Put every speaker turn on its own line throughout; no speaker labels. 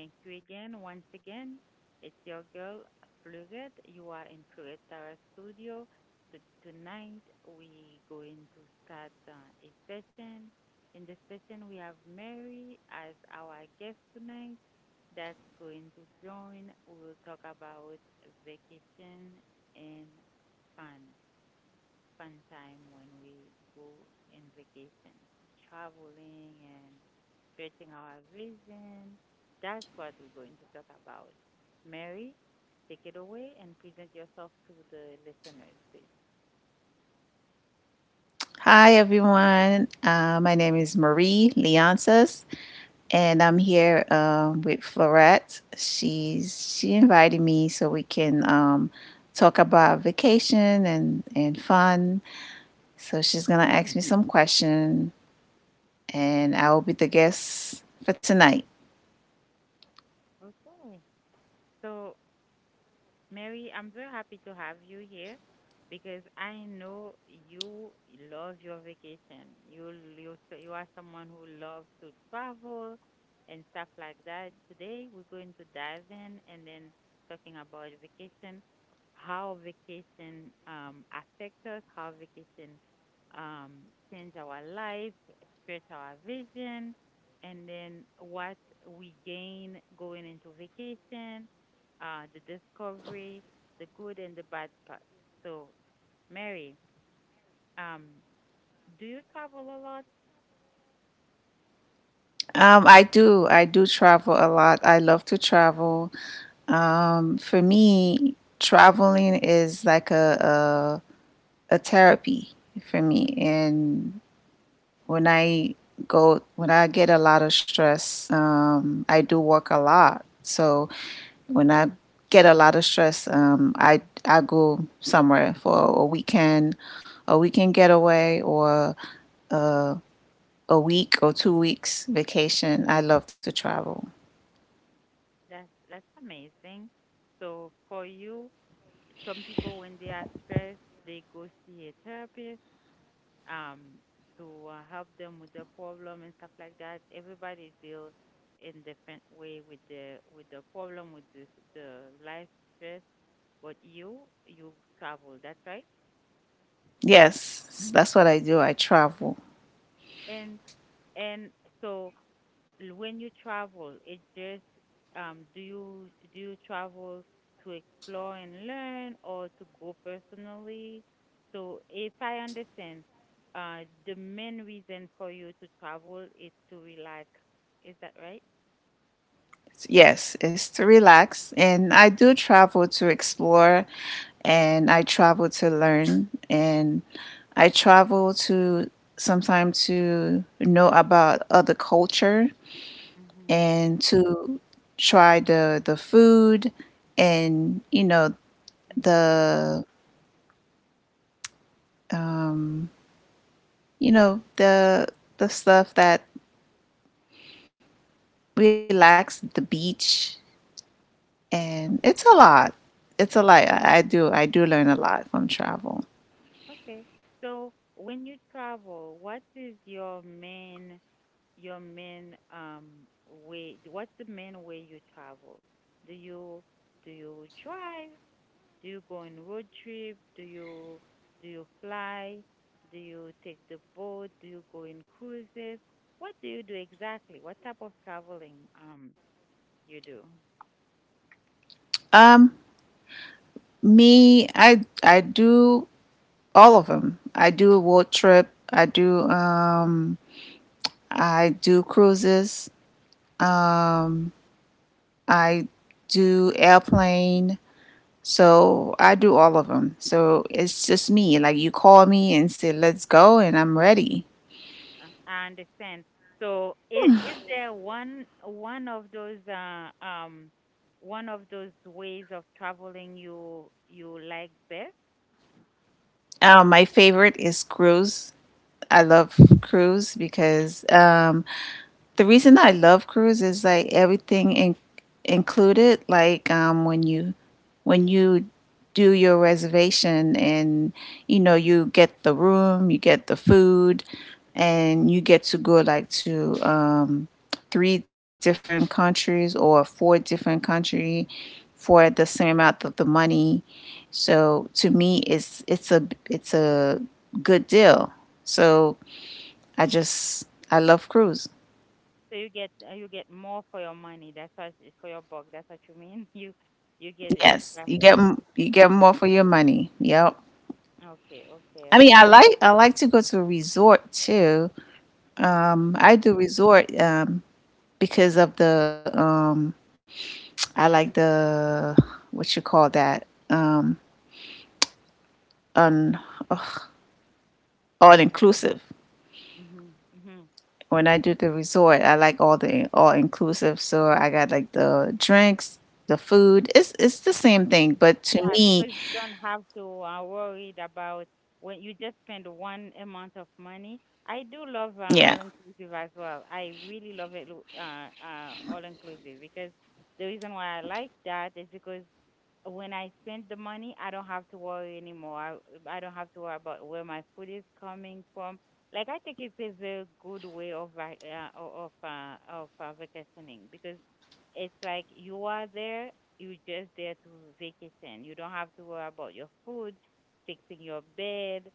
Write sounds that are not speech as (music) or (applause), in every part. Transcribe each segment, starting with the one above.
Thank you again. Once again, it's your girl, Fluget. You are in Fluget Tara Studio. To tonight, we going to start a session. In the session, we have Mary as our guest tonight that's going to join. We will talk about vacation and fun fun time when we go in vacation, traveling and stretching our vision. That's what we're going to talk about. Mary, take it away and present yourself to the listeners, please.
Hi, everyone. My name is Marie Leonsis, and I'm here with Florette. She invited me so we can talk about vacation and fun. So she's gonna ask me some question, and I will be the guest for tonight.
Okay. So Mary, I'm very happy to have you here because I know you love your vacation. You are someone who loves to travel and stuff like that. Today we're going to dive in and then talking about vacation, how vacation affects us, how vacation change our life, stretch our vision, and then what we gain going into vacation, the discovery, the good and the bad part. So, Mary, um, do you travel a lot?
I do travel a lot. I love to travel. For me, traveling is like a therapy for me and when I go, when I get a lot of stress, I do work a lot. So when I get a lot of stress, I go somewhere for a weekend getaway, or uh, a week or 2 weeks vacation. I love to travel.
That's amazing. So for you, some people when they are stressed, they go see a therapist um to help them with the problem and stuff like that. Everybody deal in different way with the problem with this the life stress, but you travel. That's right.
Yes, that's what I do. I travel.
And and so l- when you travel, it just do you travel to explore and learn or to go personally? So if I understand, uh, the main reason for you to travel is to relax. Is that right?
Yes, it's to relax. And I do travel to explore, and I travel to learn, and I travel to sometimes to know about other culture,
Mhm.
and to try the food, and you know
Mhm.
the, you know the stuff that relax, the beach, and it's
Okay.
a lot. It's a lot. I do learn a lot from travel.
Okay. So when you travel, what is your main way? What's the main way you travel? Do you do you drive? Do you go on road trip? Do you fly? Do you take the boat? Do you go in cruises? What do you do exactly? What type of traveling you do?
Um Me, I do all of them. I do a road trip. I do cruises. Um, I do airplane. So I do all of them. So it's just me. Like you call me and say let's go and I'm ready.
I understand. So is there one of those one of those ways of traveling you like best?
My favorite is cruise. I love cruise because the reason I love cruise is like everything in- included. Like when you do your reservation, and you know, you get the room, you get the food, and you get to go like to three different countries or four different country for the same amount of the money, so to me, it's a good deal. So I just I love cruise.
So you get more for your money. That's what for your buck. That's what you mean. (laughs) You get
Yes,
extra.
you get you get more for your money. Yep.
Okay, okay,
I
okay.
mean, I like to go to a resort too.
Hmm.
I do resort because of the I like the, what you call that, on all inclusive.
Mhm, mhm,
When I do the resort, I like all the all inclusive. So I got like the drinks, the food. It's the
mhm.
same thing, but to
Yeah,
me,
because you don't have to worried about when you just spend one amount of money. I do love
yeah,
all inclusive as well. I really love it, all inclusive because the reason why I like that is because when I spend the money, I don't have to worry anymore. I don't have to worry about where my food is coming from. Like I think it is a good way of vacationing because it's like you are there, you're just there to vacation. You don't have to worry about your food, fixing your bed,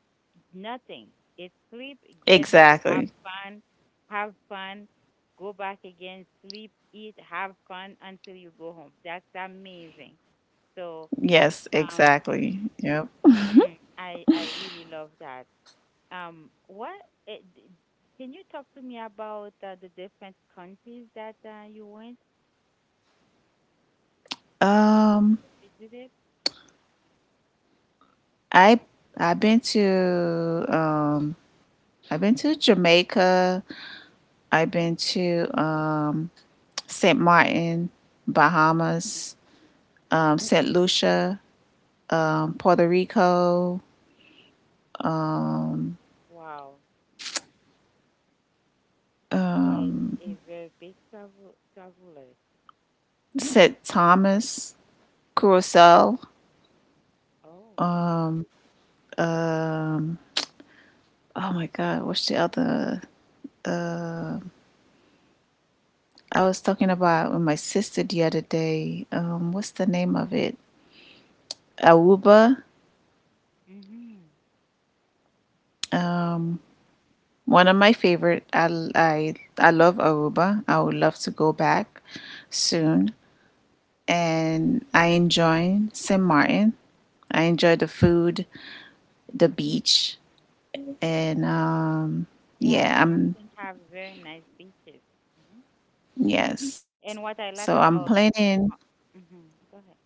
nothing. It's sleep, get up,
exactly.
have fun, go back again, sleep, eat, have fun until you go home. That's amazing. So,
Yes,
um,
exactly. Yep.
mhm, I really love that. Um, what eh, d- can you talk to me about the different countries that you went
Um,
visited?
I I've been to um I've been to Jamaica. I've
Mhm.
been to Saint Martin, Bahamas, Saint Lucia, Puerto Rico,
Wow, you are a very big travel traveler.
Saint Thomas, Curacao.
Oh,
Um, Oh my God, what's the other? I was talking about with my sister the other day. What's the name of it? Aruba.
mm-hmm. Wow.
Um, one of my favorite. I love Aruba. I would love to go back
Mm-hmm.
soon. And I enjoy St. Martin. I enjoy the food, the beach, and
Yeah,
yeah,
Samantha
I'm
have very nice beaches. Hmm.
yes.
And what
So
I
I'm
like about,
planning.
mm-hmm. Go ahead.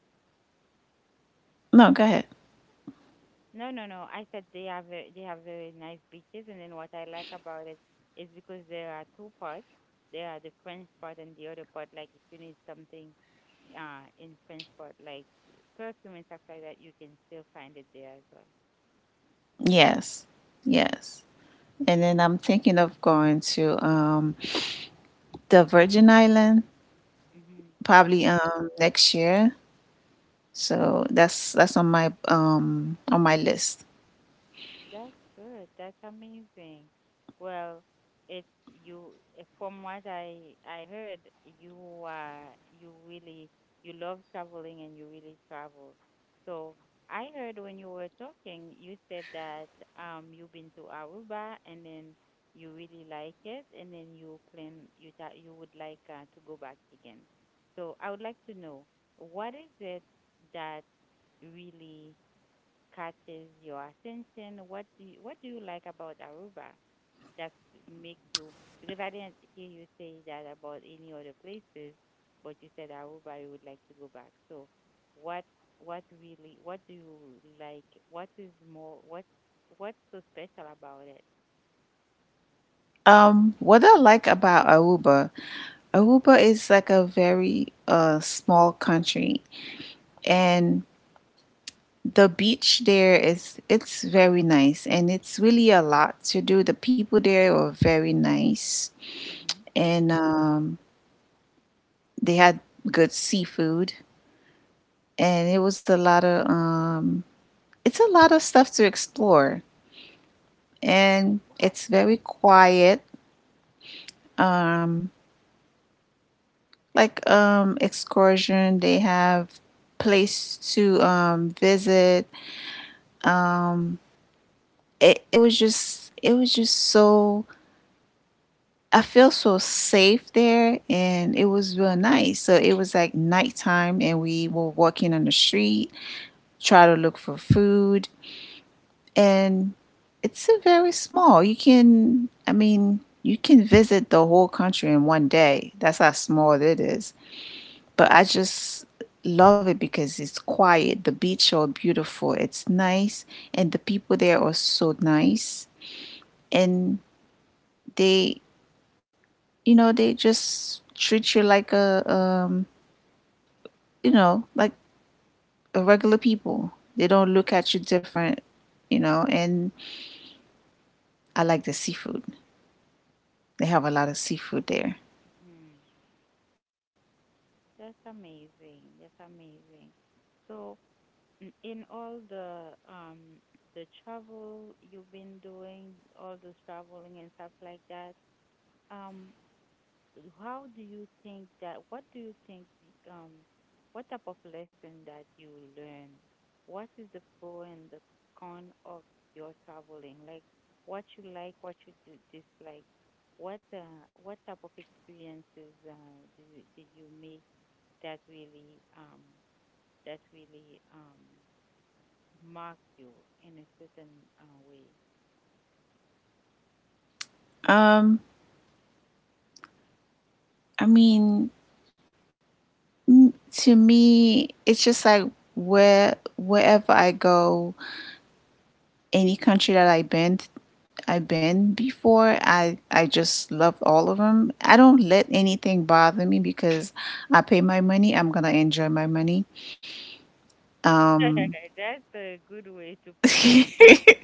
No, go ahead.
No, no, no. I said they have they have very nice beaches, and then what I like about it is because there are two parts. There are the French part and the other part. Like if you need something, in French part like perfume and stuff like that, you can still find it there as well.
Yes, yes. And then I'm thinking of going to the Virgin Island
Mhm.
probably next year. So that's on my list.
That's good. That's amazing. Well, it's from what I heard, you really you love traveling and you really travel. So I heard when you were talking, you said that you've been to Aruba and then you really like it and then you thought you would like to go back again. So I would like to know what is it that really catches your attention? What do you like about Aruba that makes you? Because I didn't hear you say that about any other places, but you said Aruba you would like to go back. So, what what really what do you like? What is more what what's so special about it?
What I like about Aruba, Aruba is like a very small country,
Mm-hmm.
and the beach there is it's very nice, and it's really a lot to do. The people there are very nice,
Hmm.
and they had good seafood, and it was a lot of it's a lot of stuff to explore,
Like
and
what?
it's very quiet, um like excursion, they have place to visit. um it was just so, I feel so safe there, and it was real nice. So it was like nighttime and we were walking on the street, try to look for food, and it's a very small. You can, I mean, you can visit the whole country in one day. That's how small it is. But I just love it because it's quiet. The beach are beautiful. It's nice, and the people there are so nice. And they, you know, they just treat you like a, you know, like a regular people. They don't look at you different, you know. And I like the seafood. They have a lot of seafood there.
Hmm. That's amazing. That's amazing. So in all the travel you've been doing, all the traveling and stuff like that, um, how do you think that? What do you think? What type of lesson that you learn? What is the pro and the con of your traveling? Like what you like, what you dislike. What type of experiences do you did you make that really mock you in a certain way.
Um, I mean, to me, it's just like where wherever I go, any country that I've been before, I just love all of them. I don't let anything bother me because I pay my money. I'm gonna enjoy my money. Um,
(laughs) That's a good way to put it.
(laughs)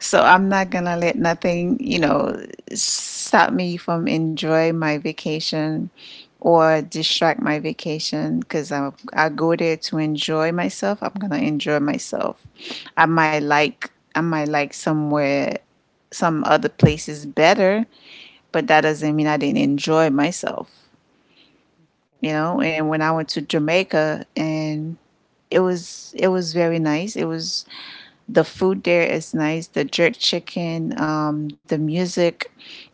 So I'm not gonna let nothing, you know, stop me from enjoying my vacation or distract my vacation because I go there to enjoy myself. I'm gonna enjoy myself. I might like somewhere some other places better, but that doesn't mean I didn't enjoy myself, you
Mm.
know. And when I went to Jamaica and it was very nice. It was the food there is nice. The jerk chicken, the music,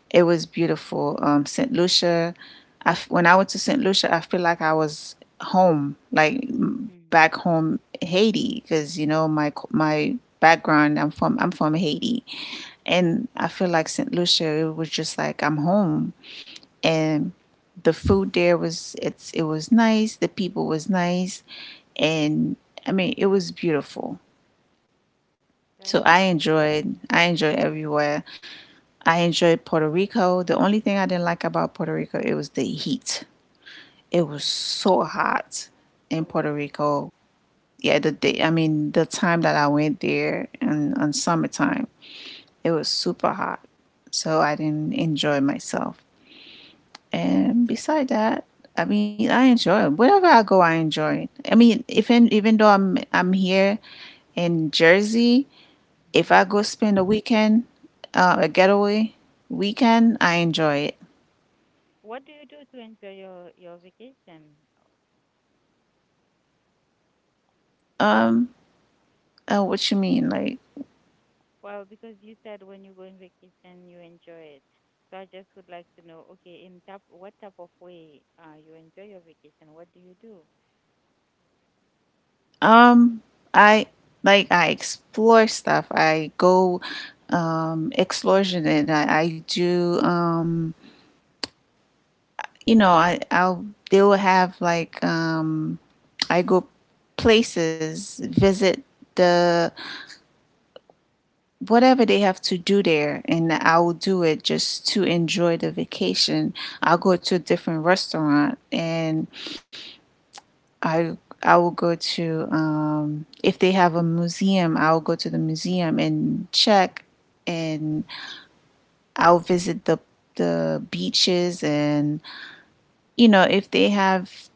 it was beautiful. St. Lucia, I f when I went to St. Lucia, I feel like I was home, like
Mm.
back home Haiti, because you know my background. I'm from Haiti, and I feel like St. Lucia. It was just like I'm home, and the food there was it's it was nice. The people was nice, and I mean it was beautiful.
That's
So I
it.
enjoyed I enjoyed everywhere. I enjoyed Puerto Rico. The only thing I didn't like about Puerto Rico it was the heat. It
Hmm.
was so hot in
Oh,
Puerto
really?
Rico. Yeah, the day I mean the time that I went there and on summertime, it was super hot. So I didn't enjoy myself. And beside that, I mean I enjoy it. Wherever I go I enjoy it. I mean even though I'm here in Jersey, if
Hmm.
I go spend a weekend, a getaway weekend, I enjoy it.
What do you do to enjoy your vacation?
Um, what you mean? Like,
Well, because you said when you go on vacation, you enjoy it. So I just would like to know, okay, in type, what type of way you enjoy your vacation? What do you do?
um, I I explore stuff. I go explosion, and I do you know I'll they will have like I go places, visit the whatever they have to do there, and I will do it just to enjoy the vacation. I'll go to a different restaurant, and I will go to if they have a museum, I will go to the museum and check, and I'll visit the beaches, and you know if they have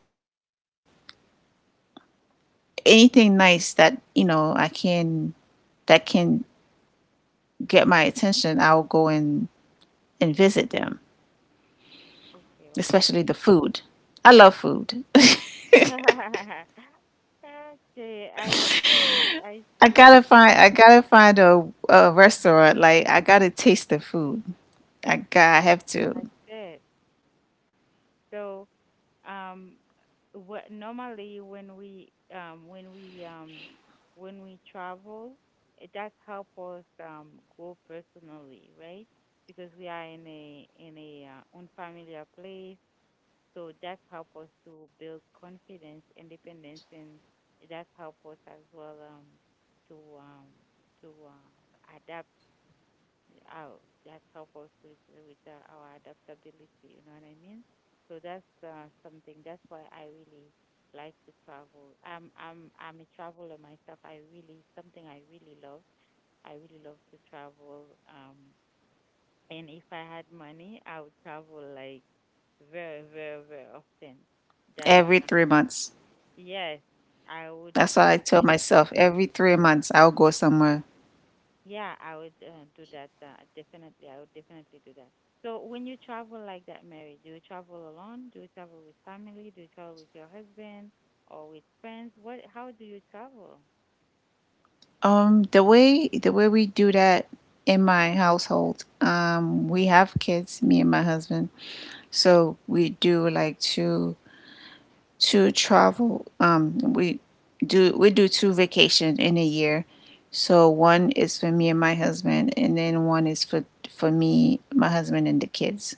anything nice that, you know, I can, that can get my attention, I'll go and visit them.
Okay, okay,
Especially the food. I love food. (laughs)
okay. (laughs) Okay, I see. I
I
see what
gotta
you
find I gotta find a restaurant. Like I gotta taste the food. I have to
have said. So um normally when we when we when we travel, it does help us grow personally, right, because we are in a unfamiliar place, so that help us to build confidence independence and that help us as well to um to uh, out. That help us with our adaptability. You know what I mean? So that's something. That's why I really like to travel. I'm a traveler myself. I really something I really love. I really love to travel. And if I had money, I would travel like very very very often. That
every
uh,
3 months.
yes, I would
That's what
I
I
would.
tell myself. Every 3 months I'll go somewhere.
Yeah, I would do that. Definitely, I would definitely do that. So, when you travel like that, Mary, do you travel alone? Do you travel with family? Do you travel with your husband or with friends? What? How do you travel?
The way we do that in my household, we have kids, me and my husband. So we do like two to travel. We do two vacations in a year. So one is for me and my husband, and then one is for me, my husband, and the kids.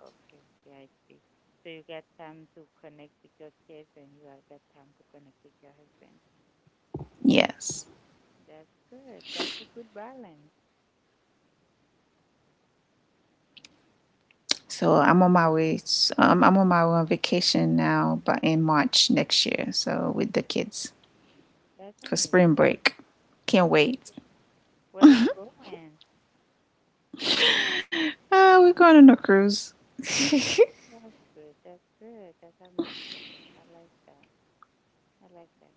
Okay, okay, I see. So you get time to connect with your kids, and you are- get time to connect with your husband.
Yes.
That's good. That's a good balance.
So
That's
I'm on my way. I'm on my way on vacation now, but in March next year. So with the kids
that's
for
amazing.
spring break. Can't wait.
Where you going?
We're going on a cruise.
That's good. That's good. That's amazing. I like that. I like that.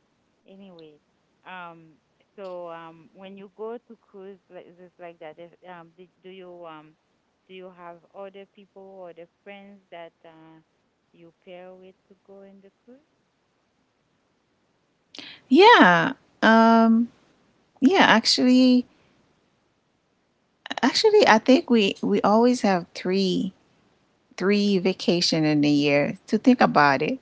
Anyway, um, when you go to cruise places like that, if, do, do you have other people or the friends that you pair with to go in the cruise?
Yeah. Um. Yeah. Actually, I think we always have three vacation in a year. To think about it,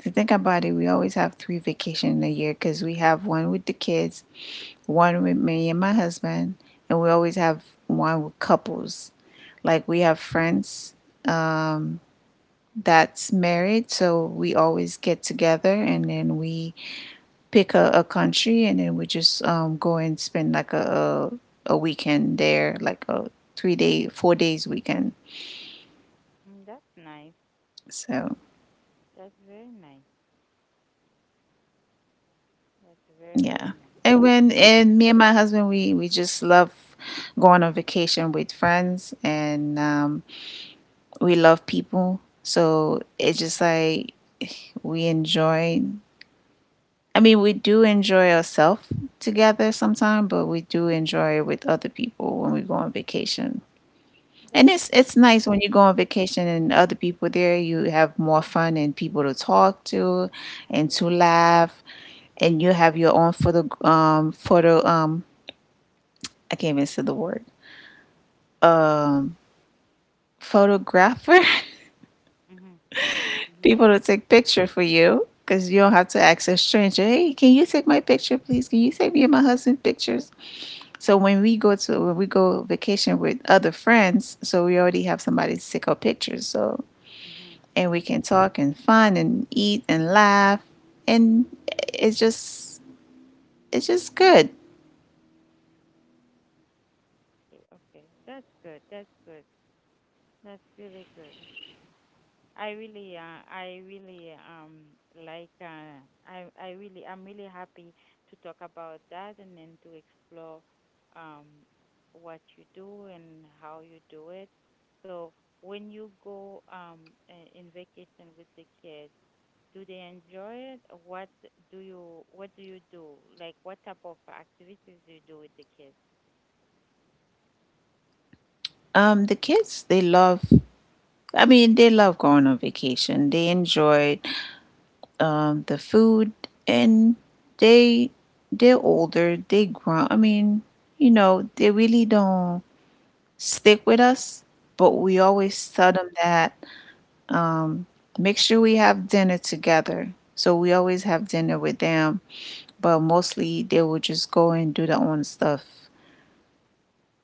to think about it, we always have three vacation in a year because we have one with the kids, one with me and my husband, and we always have one with couples. Like we have friends um, that's married, so we always get together and then we pick a country, and then we just go and spend like a, a weekend there, like a 3 day, 4 days weekend.
Mm, that's nice.
So
That's very nice. That's very
yeah.
very nice.
And when and me and my husband we just love going on vacation with friends, and we love people. So it's just like we enjoy, I mean we do enjoy ourselves together sometimes, but we do enjoy it with other people when we go on vacation. And
That's
it's nice when you go on vacation and other people there, you have more fun and people to talk to and
yeah.
to laugh, and you have your own photo photo I can't even say the word. Um, photographer,
Mhm.
(laughs)
Mhm.
people to take picture for you because you don't have to ask a stranger. Hey, can you take my picture, please? Can you take me and my husband pictures? So when we go vacation with other friends, so we already have somebody to take our pictures. So
Mhm.
and we can talk and fun and eat and laugh, and it's just it's just good.
Okay. Okay. That's good. That's good. That's really good. I really, like, I really, I'm really happy to talk about that and then to explore, um, what you do and how you do it. So when you go, in vacation with the kids, do they enjoy it? What do you do? Like, what type of activities do you do with the kids?
The kids they love. I mean, they love going on vacation. They enjoy the food, and they they're older. They grown. I mean, you know, they really don't stick with us. But
Hmm.
we always tell them that um, make sure we have dinner together. So we always have dinner with them, but mostly they will just go and do their own stuff,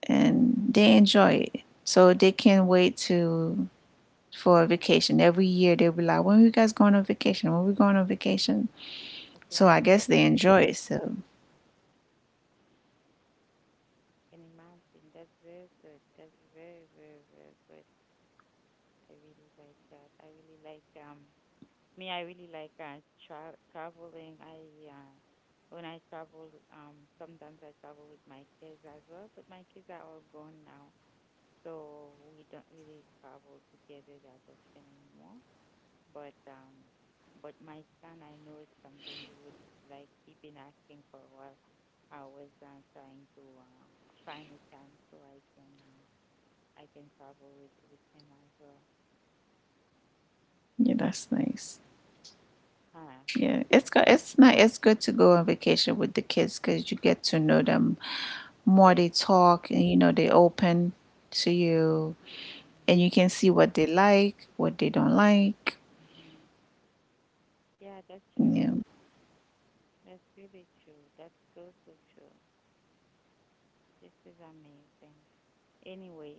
and they enjoy it. So they can't wait to for a vacation. Every year they'll be like, "When are you guys going on vacation? When are we going on vacation?"
I can
So I
imagine.
guess they enjoy it. So
Can imagine. That's very good. That's very, very, very good. I really like that. I really like me. I really like traveling. I uh when I travel, sometimes I travel with my kids as well, but my kids are all gone now, so we don't really travel together that often anymore. But my son, I know it's something he would like. He's been asking for a while. I was trying to find a time so I can travel with him as well.
yeah, that's nice.
Uh,
Yeah, it's good. It's not. It's good to go on vacation with the kids because you get to know them more.
but
They talk, and they open to you,
hmm
and you can see what they like, what they don't like.
hmm. Yeah, that's true.
Yeah.
That's really true. That's so, so true. This is amazing. Anyway,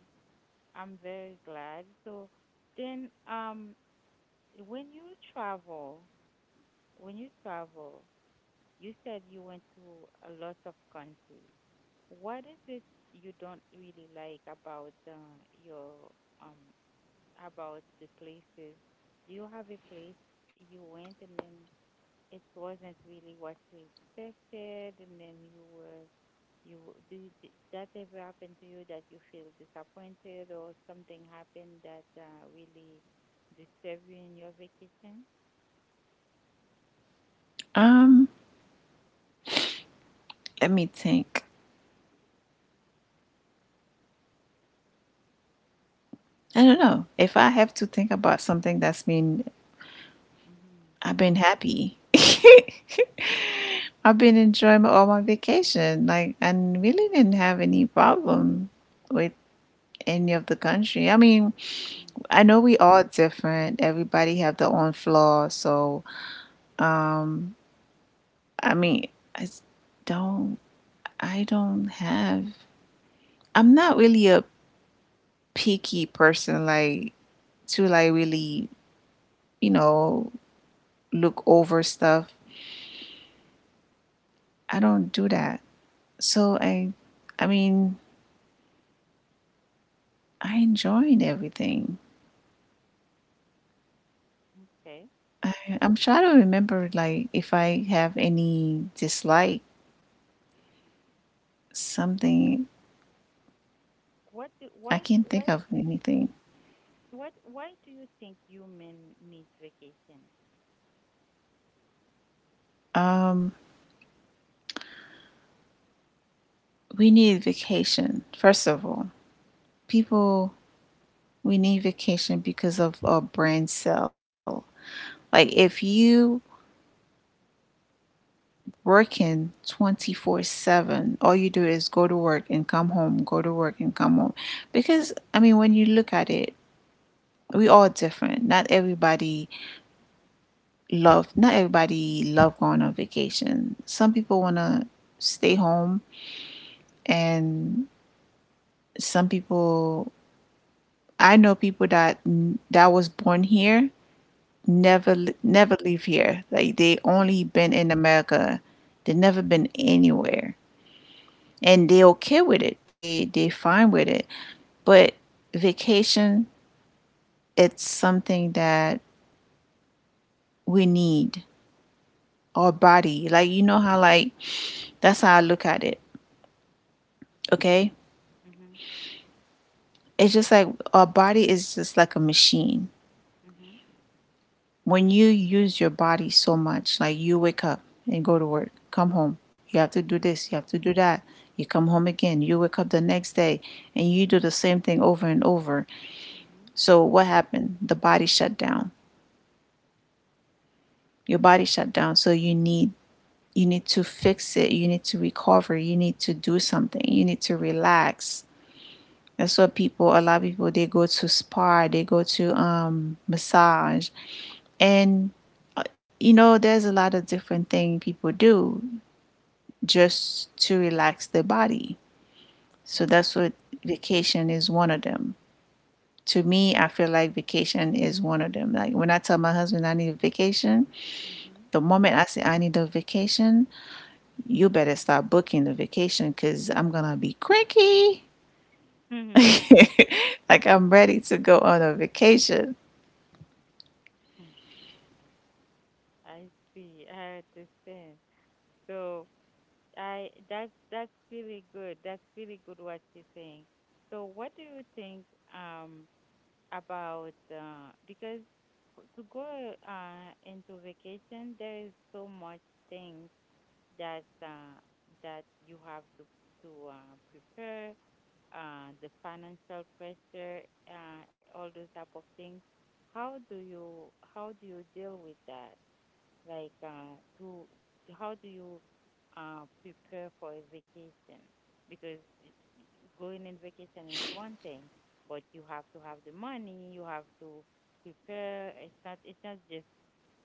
I'm very glad. So then, when you travel, when you travel, you said you went to a lot of countries. What is it you don't really like about your um about the places? Do you have a place you went and then it wasn't really what we expected, and then you were you do you, did that ever happen to you that you feel disappointed or something happened that really disturbed you in your vacation?
Um. Let me think. I don't know if I have to think about something that's been
Mhm.
I've been happy. (laughs) I've been enjoying all my vacation, like, and really didn't have any problem with any of the country. I mean,
Mhm.
I know we all different. Everybody have their own flaws. So, um, I mean, I s- don't, I don't have. I'm not really a picky person, like to like really, you know, look over stuff. I
Mhm.
don't do that. So I mean, I enjoyed everything.
Okay.
I, I'm trying to remember, like, if I have any dislike,
Oh,
something.
What do,
I can't
why
think of
is-
anything.
what why do you think human needs vacation?
Um, we need vacation, first of all. People, we need vacation because of our brain cell. Like if you working 24/7, all you do is go to work and come home, go to work and come home. Because I mean when you look at it, we all different. Not everybody love going on vacation. Some people want to stay home, and some people I know people that was born here never leave here. Like they only been in America. They never been anywhere. And they okay with it. They fine with it. But vacation, it's something that we need. Our
Mhm.
body. Like you know how like that's how I look at it. Okay?
Mhm.
It's just like our body is just like a machine.
Mhm.
When you use your body so much, like you wake up and go to work, come home, you
Mhm.
have to do this, you have to do that, you come home again, you wake up the next day, and you do the same thing over and over.
Mhm.
So what happened? The body shut down. Your body shut down. So you need to fix it. You need to recover. You need to do something. You need to relax. That's what people, a lot of people, they go to spa, they go to massage, and there's a lot of different things people do just to relax their body. So
Mhm.
that's what vacation is one of them. To me, I feel like vacation is one of them. Like when I tell my husband I need a vacation,
Mhm.
the moment I say I need a vacation, you better start booking the vacation because I'm gonna be cranky.
Mhm.
(laughs) Like I'm ready to go on a vacation.
Mhm. I see. I understand. So I that's really good. That's really good what you're saying. So what do you think um about because to go into vacation there is so much things that that you have to prepare, the financial pressure, uh all those type of things. How do you deal with that? Like, to how do you prepare for a vacation? Because going in vacation is one thing, but you have to have the money. You have to prepare. It's not just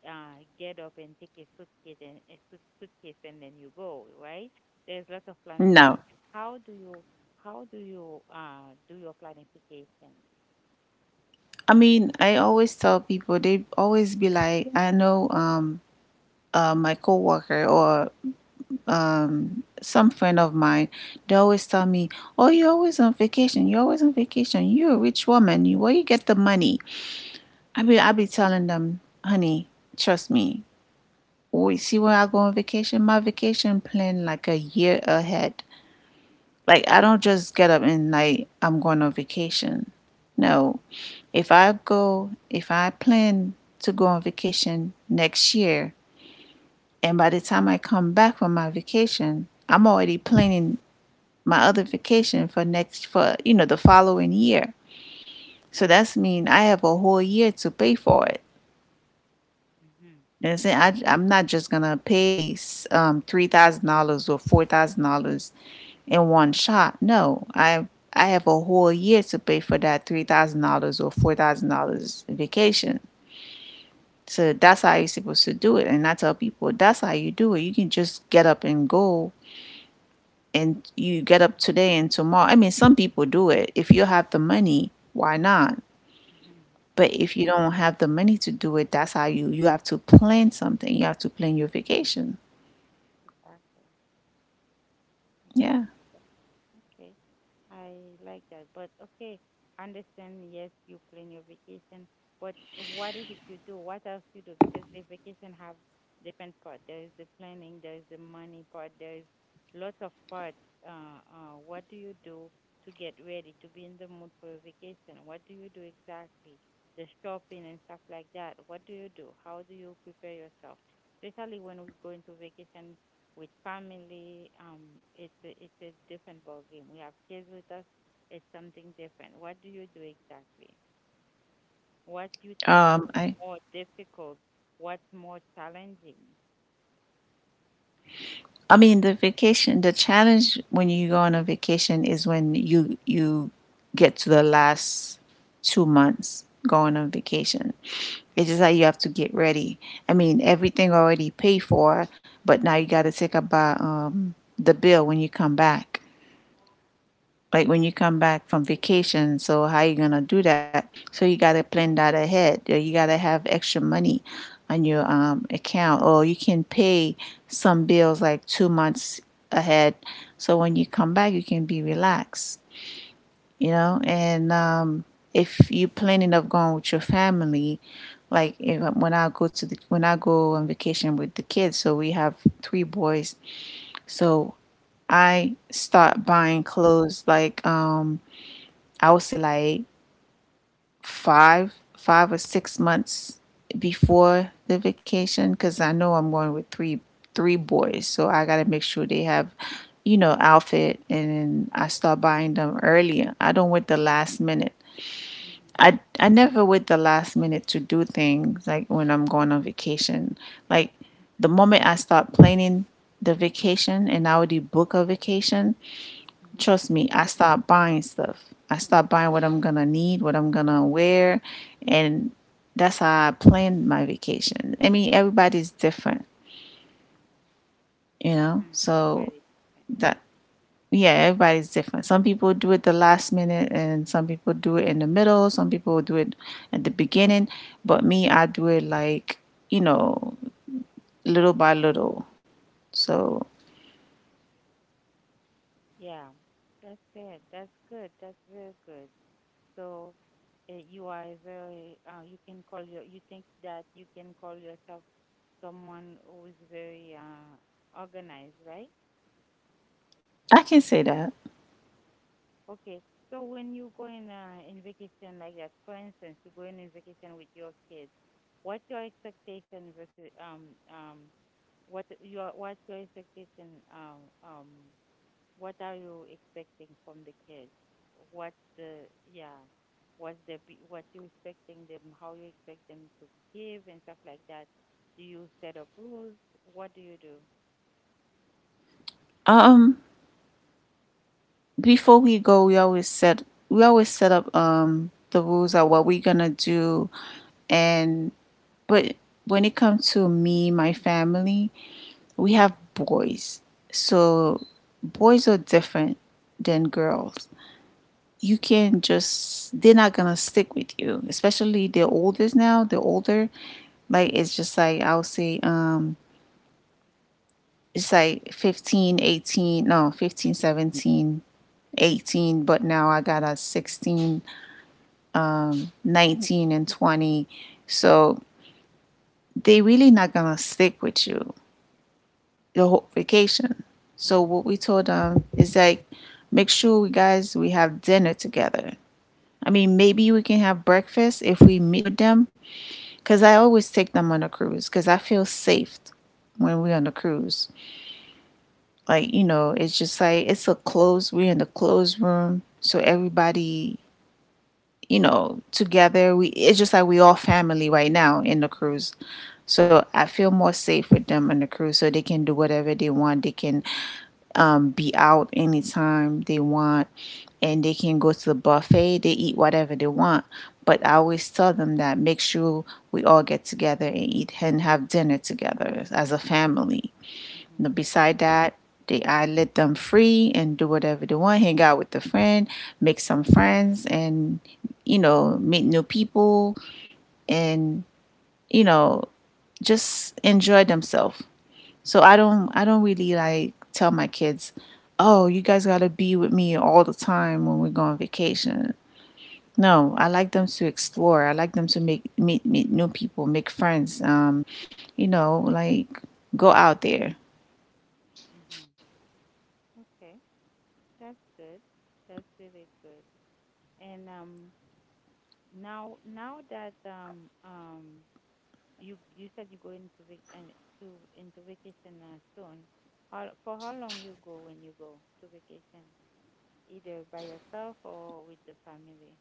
get up and take a suitcase and suitcase and then you go. Right? There's lots of planning.
No.
How do you how do you do your planification?
I mean, I always tell people they always be like, I know my coworker or some friend of mine, they always tell me, "Oh, you're always on vacation, you're always on vacation, you're a rich woman, you where you get the money." I be telling them, honey, trust me. We see where I go on vacation, my vacation plan like a year ahead. Like I don't just get up and like I'm going on vacation. No, if I go, if I plan to go on vacation next year, and by the time I come back from my vacation, I'm already planning my other vacation for next for the following year. So that's mean I have a whole year to pay for it.
Mhm.
And it's- I'm not just gonna pay $3,000 or $4,000 in one shot. No, I have a whole year to pay for that $3,000 or $4,000 vacation. So that's how you're supposed to do it. And I tell people that's how you do it. You can just get up and go, and you get up today and tomorrow. I mean, some people do it. If you have the money, why not?
Mhm.
But if you don't have the money to do it, that's how you have to plan something. You have to plan your vacation.
Exactly.
Yeah.
Exactly. Okay. I like that. But okay, understand, yes, you plan your vacation, but what is it you do? What else you do? Because the vacation have different part. There is the planning, there is the money part, there is lots of part. What do you do to get ready, to be in the mood for your vacation? What do you do exactly? The shopping and stuff like that. What do you do? How do you prepare yourself? Especially when we go into vacation with family, it's a different ball game. We have kids with us. It's something different. What do you do exactly? What you think
Um
is
I
more difficult? What's more challenging?
I mean, the vacation, the challenge when you go on a vacation is when you get to the last 2 months going on vacation. It's just like you have to get ready. I mean, everything already paid for, but now you got to think about the bill when you come back, like when you come back from vacation. So how are you gonna do that? So you gotta plan that ahead. You gotta have extra money on your account, or you can pay some bills like 2 months ahead, so when you come back you can be relaxed, and if you planning of going with your family, like if, when I go on vacation with the kids, so we have three boys. So I start
Mm-hmm.
buying clothes like I would say like 5 or 6 months before the vacation because I know I'm going with three boys, so I gotta make sure they have, outfit, and I start buying them earlier. I don't wait the last minute.
Mm-hmm.
I never wait the last minute to do things like when I'm going on vacation. Like the moment I start planning the vacation and I already book a vacation,
Mm-hmm.
trust me, I stopped buying stuff. I stopped buying what I'm gonna need, what I'm gonna wear, and that's how I planned my vacation. I mean, everybody's different, you know.
Mm-hmm.
So
Very different. Mm-hmm.
that yeah, everybody's different. Some people do it the last minute, and some people do it in the middle. Some people do it at the beginning, but me, I do it like you know, little by little. So
Mm-hmm. Yeah, that's it. That's good. That's very good. So you are a very, you can call you think that you can call yourself someone who is very organized, right?
I can say that.
Okay. So when you go in vacation like that, for instance, you go in vacation with your kids, what's your expectation versus what's your expectation what are you expecting from the kids? What the yeah, what what you expecting them, how you expect them to behave and stuff like that. Do you set up rules? What do you do?
Um, before we go, we always set up the rules of what we're gonna do, and but when it comes to me, my family, we have boys, so boys are different than girls. You can just they're not gonna stick with you, especially the oldest now. The older, like it's just like I'll say it's like 15, 18, no, 15, 17. 18, but now I got a 16, 19, and 20. So they really not gonna stick with you the whole vacation. So what we told them is like, make sure we have dinner together. I mean, maybe we can have breakfast if we meet with them, cause I always take them on a cruise, cause I feel safe when we're on the cruise. Like, you know, it's just like it's a closed, we're in the closed room, so everybody, you know, together. We it's just like we all family right now in the cruise. So I feel more safe with them on the cruise, so they can do whatever they want. They can be out anytime they want, and they can go to the buffet. They eat whatever they want. But I always tell them that make sure we all get together and eat and have dinner together as a family. Now,
Mhm.
beside that, I let them free and do whatever they want, hang out with a friend, make some friends, and you know, meet new people, and you know, just enjoy themselves. So I don't really like tell my kids, oh, you guys gotta be with me all the time when we go on vacation. No, I like them to explore. I like them to make meet new people, make friends. You know, like go out there.
Mhm. Okay. That's good. That's really good. And now now that you you said you go into vac- and to into vacation soon. How for how long you go when you go to vacation? Either by yourself or with the family.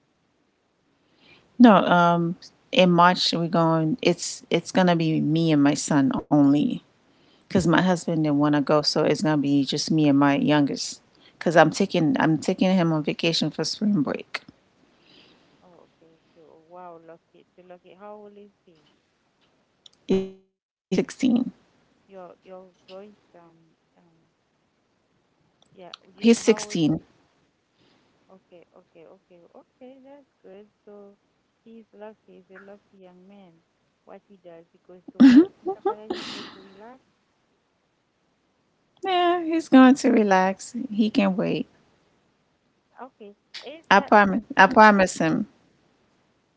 No, in March we're going. It's gonna be me and my son only, cause my
Oh,
husband didn't wanna go, so it's gonna be just me and my youngest. Cause I'm taking him on vacation for spring break.
oh, okay, okay. Oh, wow, lucky. It's lucky. How old is he?
He's 16.
Your voice yeah,
He's
you how.
16.
Okay, okay, okay, okay, that's good. So he's lucky, he's a lucky young man. What he does, he goes to work and stuff like that, he's going to relax.
Yeah, he's going to relax. He can wait.
Okay. Is
I
that
promise. I promise him.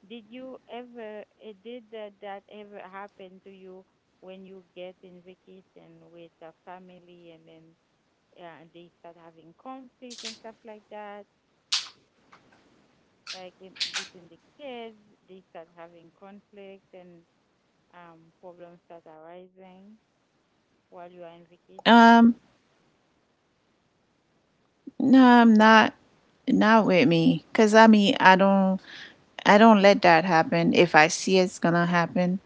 did that ever happen to you when you get in vacation with a family and then yeah, and they start having conflict and stuff like that, like in, between the kids, they start having conflict and problems start arising while you are on
Um,
vacation?
No, I'm not not with me. Cause I mean I don't let that happen. If I see it's gonna happen,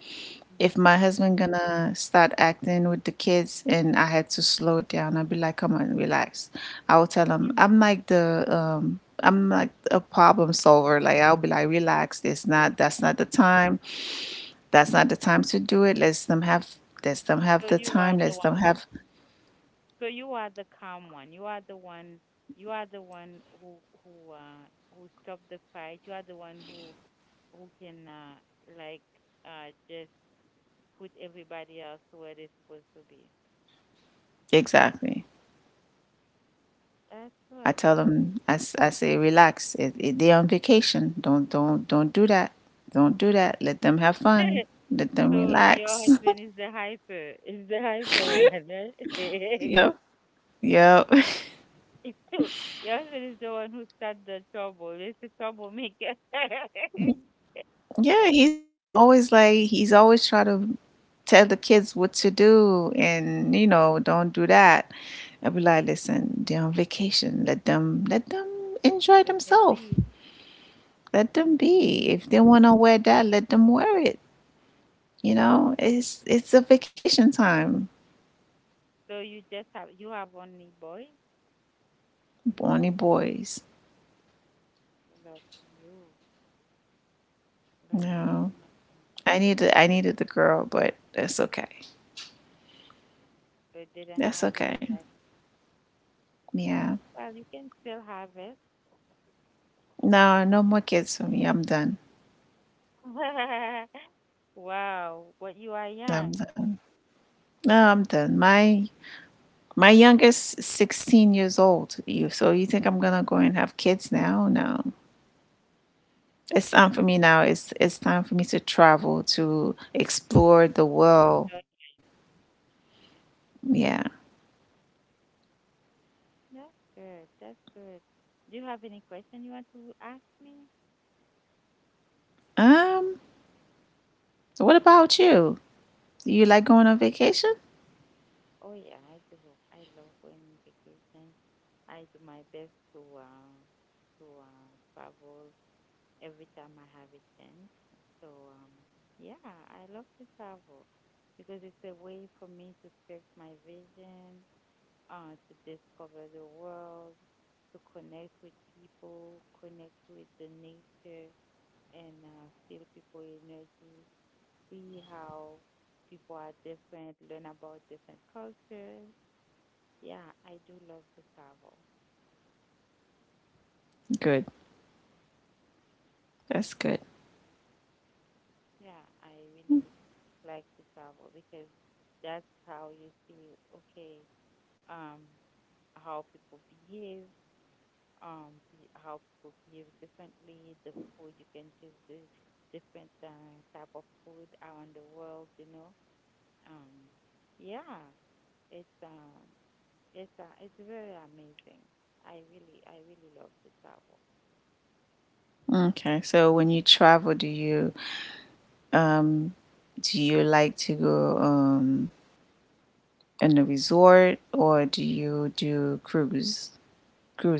Mhm.
if my husband gonna start acting with the kids and I had to slow it down, I'd be like, come on, relax. I will tell him
Mhm.
I'm like the I'm like a
Mhm.
problem solver. Like I'll be like,
Okay,
relax, it's not
okay.
that's not the time. That's not the time to do it. Let's them have
So
the
you are
time.
the
Let's
one.
them have
So you are the calm one. You are the one. You are the one who who who stop the fight. You are the one who can like just put everybody else where they're supposed to be.
exactly.
That's
I
what.
tell
That's what.
them, I say, relax. They're on vacation. Don't do that. Don't do that. Let them have fun.
(laughs)
Let them
So your
relax. (laughs)
husband is the hyper. Is the hyper one, right?
Yeah, yeah. (laughs)
(laughs) Your husband is the one who start the trouble. He's the troublemaker. (laughs)
Yeah, he's always like he's always trying to tell the kids what to do, and don't do that. I be like, listen, they're on vacation. Let them enjoy
Let them
themselves.
be.
Let them be. If they wanna wear that, let them wear it. You know, it's a vacation time.
So you just have you have only boys?
Only boys.
Lucky you. Lucky you,
No,
my friend.
I needed the girl, but that's okay.
So it didn't happen
That's
in that
okay. Yeah.
well, you can still have it.
No, no more kids for me. I'm done.
(laughs) Wow. But you are young.
I'm done. No, I'm done. My youngest is 16 years old. You so you think I'm gonna go and have kids now? No. It's time for me now. It's time for me to travel to
Mm.
explore the
Enjoy.
world. Yeah.
That's good. That's good. Do you have any question you want to ask me?
Um. What about you? Do you like going on vacation?
Oh yeah, I do. I love going on vacation. I do my best to travel every time I have a chance. So, yeah, I love to travel because it's a way for me to stretch my vision, to discover the world, to connect with people, connect with the nature, and feel people energy, see how people are different, learn about different cultures. Yeah, I do love to travel.
Good. That's good.
Yeah, I really like to travel because that's how you see, okay, um, how people behave, how people behave differently, the food you can taste the different type of food around the world, you know. Um, yeah, it's um, it's very amazing. I really love to travel.
Okay. So when you travel, do you um do you like to go, in a resort, or do you do cruise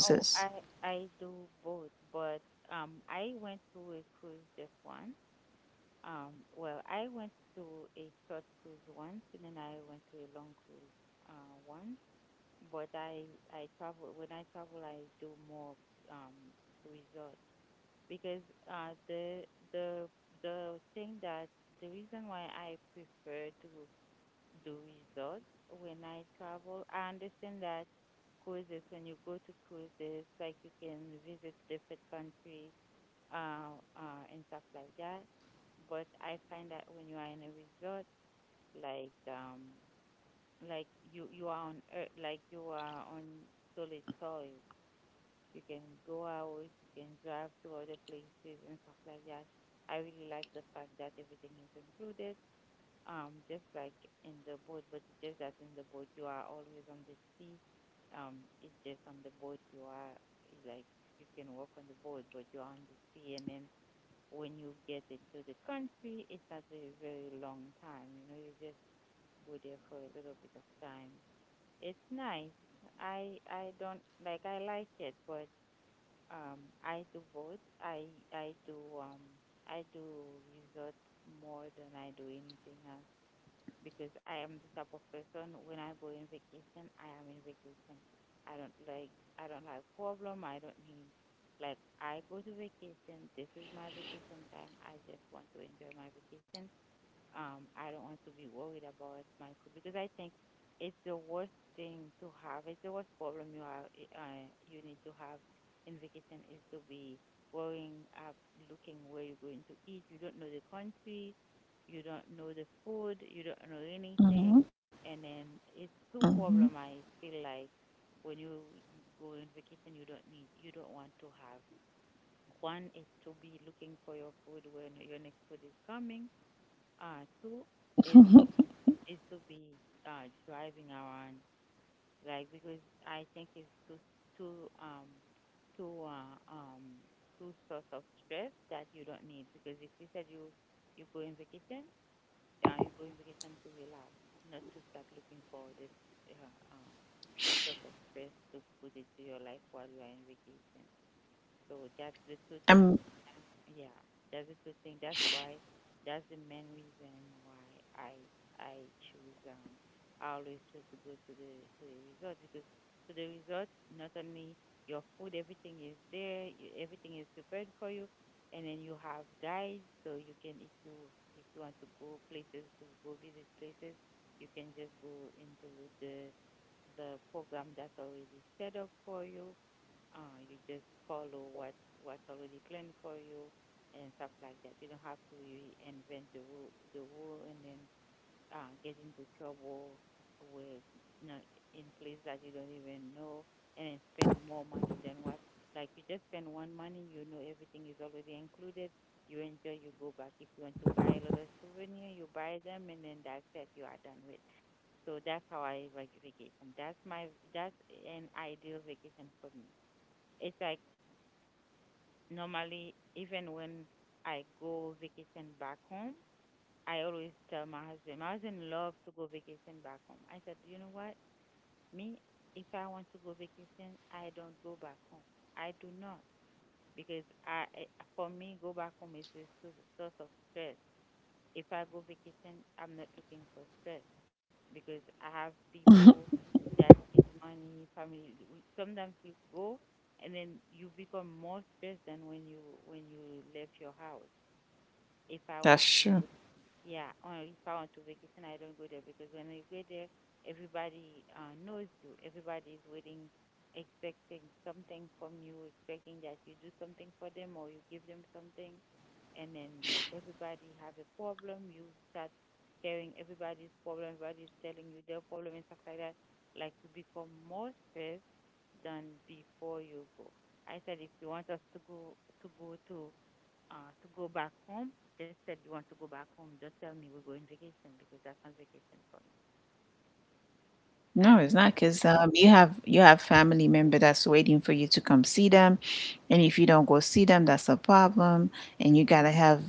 Oh, I do both, but I went to a cruise just once. Well, I went to a short cruise once, and then I went to a long cruise once. But I travel when I travel, I do more um resort because uh the the the thing that the reason why I prefer to do resort when I travel, I understand that cruises when you go to cruises, like you can visit different country and stuff like that. But I find that when you are in a resort, like um, like you are on earth, like you are on solid soil. You can go out, you can drive to other places and stuff like that. I really like the fact that everything is included, just like in the boat. But it's just that in the boat you are always on the sea. It's just on the boat you like you can walk on the boat, but you're on the sea, and then when you get into the country, it's not a very long time. You know, you just go there for a little bit of time. It's nice. I don't like I like it, but I do both. I do um I do resort more than I do anything else because I am the type of person when I go in vacation, I am in vacation. I don't like problem. I don't need like I go to vacation. This is my vacation time. I just want to enjoy my vacation. I don't want to be worried about my food because I think it's the worst thing to have. It's the worst problem you are you need to have in vacation is to be worrying up, looking where you're going to eat. You don't know the country, you don't know the food, you don't know
Mm-hmm.
anything, and then it's two
Mm-hmm.
problem. I feel like when you go in vacation, you don't need, you don't want to have. One is to be looking for your food when your next food is coming, two is to be driving around like because I think it's too um too uh, um too source of stress that you don't need because if you said you go in vacation, you go in vacation to relax, not to start looking for this uh, uh source of stress to put into your life while you are in vacation. So that's the two things.
I'm
Yeah, that's the two things. That's why that's the main reason why I choose I always choose to go to the resort because to the resort not only your food everything is there you, everything is prepared for you and then you have guides so you can if you want to go places to go visit places you can just go into the the program that's already set up for you, you just follow what what's already planned for you and stuff like that. You don't have to really invent the rule and then get into trouble with you know, in place that you don't even know and then spend more money than what like you just spend one money, you know everything is already included. You enjoy, you go back. If you want to buy a little souvenir, you buy them, and then that's it. You are done with. So that's how vacation. That's my that's an ideal vacation for me. It's like normally even when I go vacation back home, I always tell my husband loves to go vacation back home. I said, you know what? Me, if I want to go vacation, I don't go back home. I do not because for me, go back home is a source of stress. If I go vacation, I'm not looking for stress because I have people that needs money, family. Sometimes you go and then you become more stressed than when you left your house. If I
that's
want to
true.
visit yeah, on if I want to vacation, I don't go there because when you go there, everybody knows you. Everybody is waiting, expecting something from you, expecting that you do something for them or you give them something, and then everybody have a problem. You start sharing everybody's problem. Everybody is telling you their problem and stuff like that. Like you become more stressed than before you go. I said if you want us to go to go to to go back home. Just said you want to go back home. Don't tell me we're going vacation because that's not vacation for me. I
No,
don't
it's
know
not,
for you.
because you have family member that's waiting for you to come see them, and if you don't go see them, that's a problem. And you
Mm-hmm,
gotta have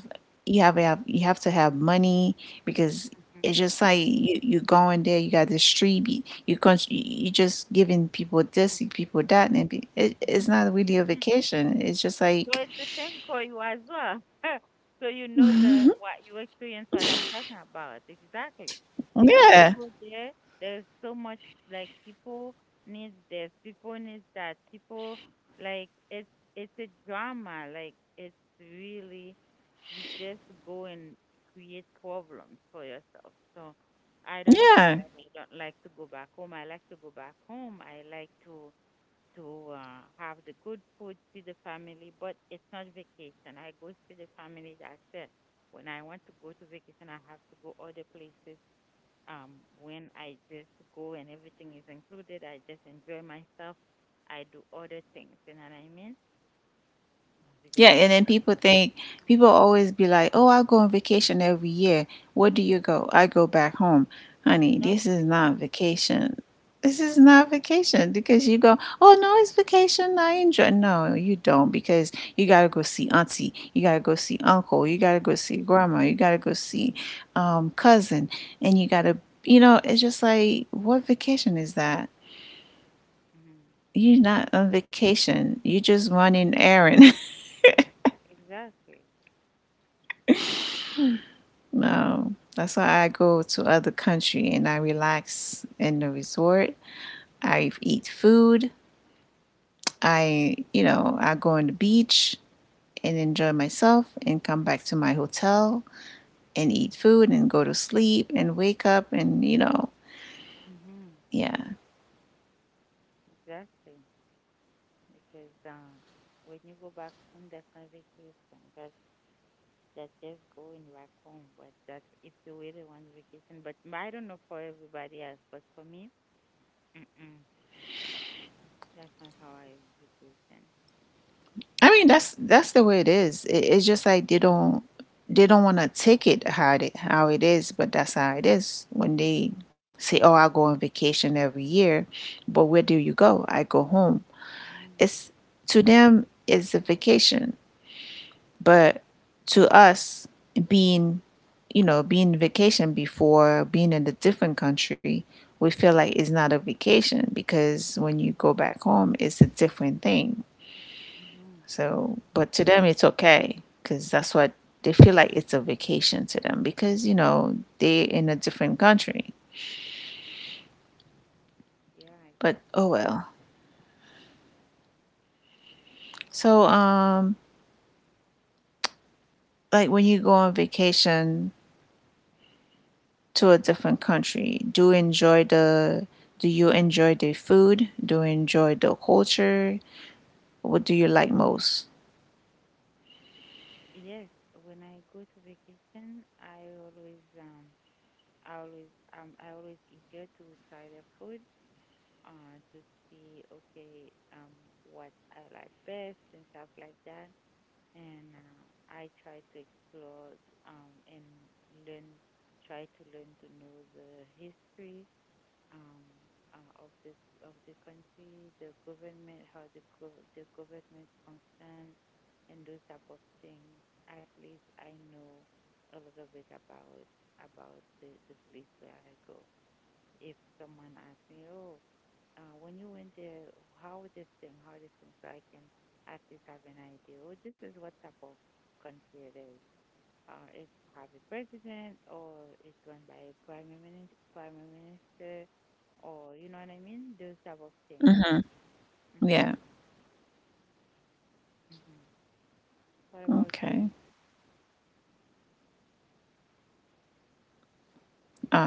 you have to have money because
mm-hmm,
it's just like you going there, you got this street, you con you just giving people this, people that, and
mm-hmm,
it's not really a
mm-hmm.
vacation. It's just
So
like
it's the same for you as well. (laughs) So you know the what you experience what I'm talking about exactly. Because
yeah,
people there, there's so much like people needs this, people needs that, people like it's a drama. Like it's really you just go and create problems for yourself. So I don't say
yeah.
that I don't like to go back home. I like to go back home. I like to to have the good food, see the family, but it's not vacation. I go see the family, that's it. When I want to go to vacation, I have to go other places. When I just go and everything is included, I just enjoy myself. I do other things, you know what I mean?
Yeah,
Because
and then people
yeah,
think people always be like, "Oh, I go on vacation every year. Where do you go? I go back home." Honey,
no,
this is
you don't.
not vacation. This is
Because,
not vacation, because you go, "Oh, no, it's vacation. I enjoy." No, you don't, because you got to go see auntie, you got to go see uncle, you got to go see grandma, you got to go see cousin, and you got to it's just like, "What vacation is that?"
mm-hmm.
You're not
Exactly.
on vacation. You're just running errand. (laughs)
Exactly.
No, that's why I go to other country and I relax in the resort. I eat food. I, I go on the beach and enjoy myself and come back to my hotel and eat food and go to sleep and wake up and
Mm-hmm.
yeah.
Exactly. Because when you go back home, that's not vacation. That's that just going back home, but that it's a really one vacation. But I don't know for everybody else, but for me, mm-mm, that's not how I vacation.
I mean, that's the way it is. It's just like they don't want to take it how it how it is, but that's how it is. When they say, "Oh, I go on vacation every year," but where do you go? I go home.
Mhm.
It's to them it's a vacation, but to us being being vacation before being in a different country, we feel like it's not a vacation, because when you go back home, it's a different thing.
Mhm.
So, but to them, it's okay because that's what they feel like it's a vacation to them, because you know they're in a different country.
Yeah,
But oh
exactly.
well. So, like when you go on vacation to a different country, do you enjoy the do you enjoy the food, do you enjoy the culture, what do you like most?
Yes, when I go to vacation, I always eager to try the food, to see okay what I like best and stuff like that. And I try to explore and learn, try to learn to know the history, um, of the country, the government, how the government functions, and those type of things. At least I know a little bit about about the place where I go. If someone asks me, oh when you went there, how this thing, so I can at least have an idea. Oh, this is what type of country it is. It's have a president, or it's run by a prime minister, or you know what I mean, those type of things. Mhm,
Yeah.
mhm. What about you?
Okay.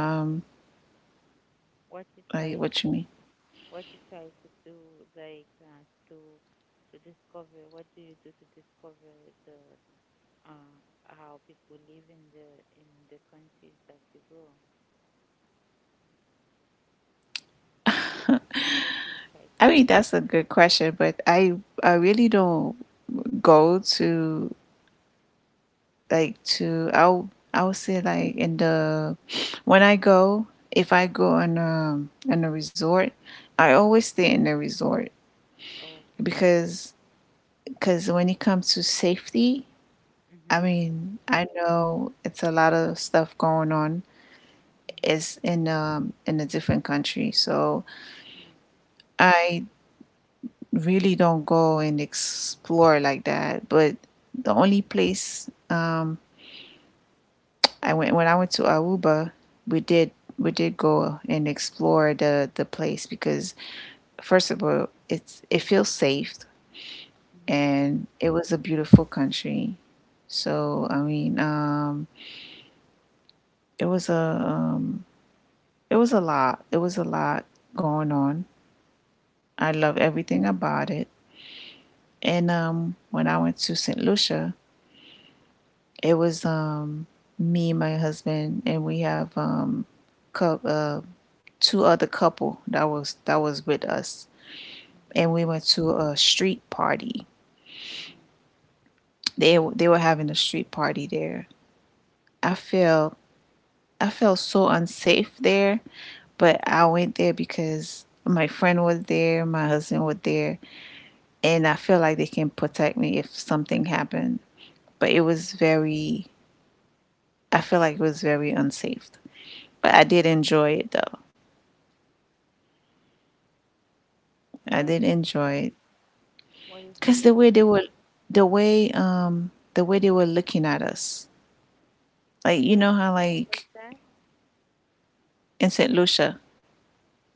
um
What you
I,
try to,
what you mean?
what you try to do, like to discover? What do you do to discover the uh, how people live in the countries that you go. What you try to
I mean, that's a
do.
good question, but I really don't go to I would say like in the when I go if I go on, on a resort, I always stay in the resort,
Oh, okay.
because when it comes to safety, I
Mm-hmm.
mean, I know it's a lot of stuff going on.
Mm-hmm.
It's in a different country, so I really don't go and explore like that. But the only place, I went when I went to Aruba, we did we did go and explore the place, because first of all, it feels safe
Mm-hmm. Mm-hmm.
and it was a beautiful country. So I mean, it was a um, it was a lot. It was a lot going on. I love everything about it. And when I went to St. Lucia, it was, me, my husband, and we have, cou- uh, two other couple that was with us,
Mm-hmm.
and we went to a street party.
Mm-hmm.
They were having a street party there. I felt I felt so unsafe there, but I went there because my friend was there, my husband was there, and I feel like they can protect me if something happened. But
Mm-hmm.
it was very, I feel like it was very unsafe. But I did enjoy it though. I
Why
did
you
enjoy it
why you feel
because
it?
the way, the way they were looking at us, like you
When
know how
where was
like
that?
in Saint Lucia,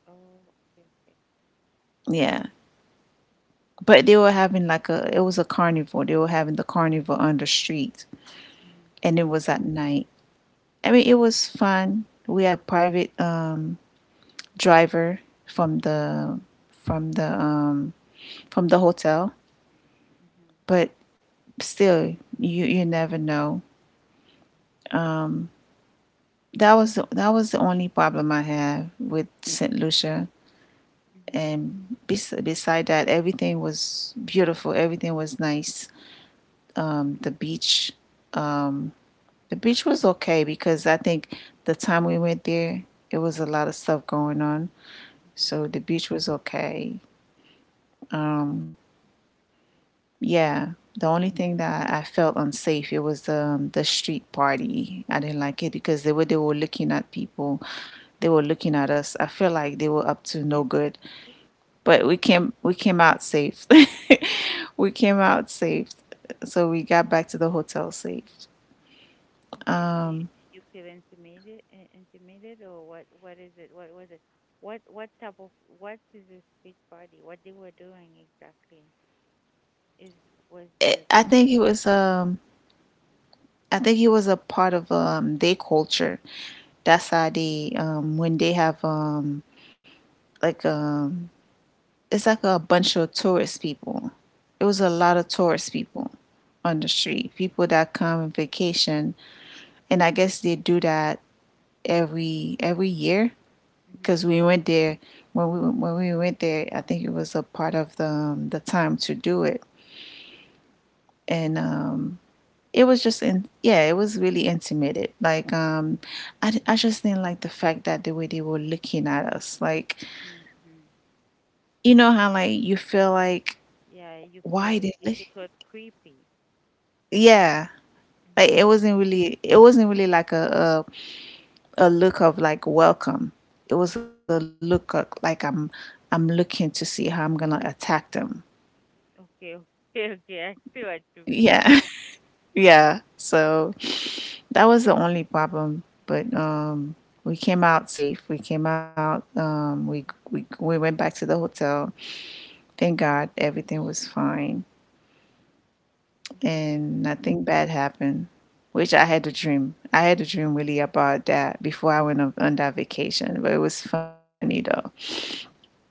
Oh, okay, okay.
yeah. But they were having like a, it was a carnival. They were having the carnival on the street,
Mm-hmm.
and it was at night. I mean, it was fun. We had a private driver from the from the um from the hotel,
Mm-hmm.
but still you you never know. That was that was the only problem I had with St. Lucia,
Mm-hmm.
and beside that, everything was beautiful, everything was nice, the beach, um the beach was okay because I think the time we went there, it was a lot of stuff going on,
Mm-hmm.
so the beach was okay. um Yeah, the only thing that I felt unsafe, it was, the street party. I didn't like it because they were looking at people, they
Mm-hmm.
were looking at us. I feel like they were up to no good,
Intimidated?
but we came out safe. (laughs) We came out safe, so we got back to the hotel safe.
Okay. Do you, did you feel intimidated? Intimidated, or what? What is it? What was it? What type of what is this street party? What they were doing exactly? is was the
I
um,
think it was I think it was a part of, their culture. That's how they, when they have, like um it's like a bunch of tourist people. It was a lot of tourist people on the street, people that come on vacation, and I guess they do that every year,
mm-hmm,
because we went there when we went there, I think it was a part of the, the time to do it, and it was just in yeah, it was really intimate. Like, I just didn't like the fact that the way they were looking at us, like
mm-hmm, mm-hmm.
you know how like you feel like
Yeah, you feel
why they
like
look,
it was creepy.
yeah. Like
Mm-hmm.
it wasn't really like a a look of like welcome. It was a look of, like I'm looking to see how I'm gonna attack them.
Okay, (laughs) okay, okay, I see what you mean.
Yeah, (laughs) yeah. So that was the only problem, but, we came out safe. We came out. We went back to the hotel. Thank God, everything was fine,
Mm-hmm,
and nothing bad happened. Which I had a dream. I had a dream really about that before I went on that vacation. But it was funny though.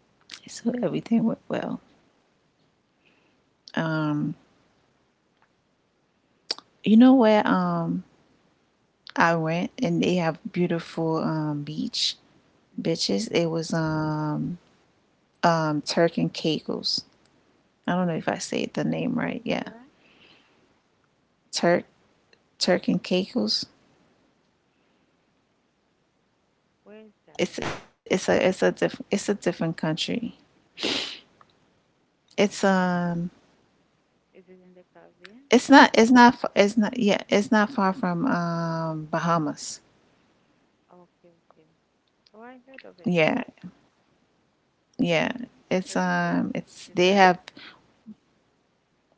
So everything went well.
mm-hmm,
Um, you know where, I went and they have beautiful beach
mm-hmm.
bitches. It was Turk and Caicos. I don't know if I say the name
Where
right.
is
Yeah,
that?
Turk Turk and Caicos.
Where is that?
It's it's a different, it's a different country. It's
Is it in the Caribbean?
it's not it's not yeah, it's not far from, Bahamas.
Oh, okay, okay, oh I heard of it because
Yeah, yeah.
the
It's
beaches
they
are,
have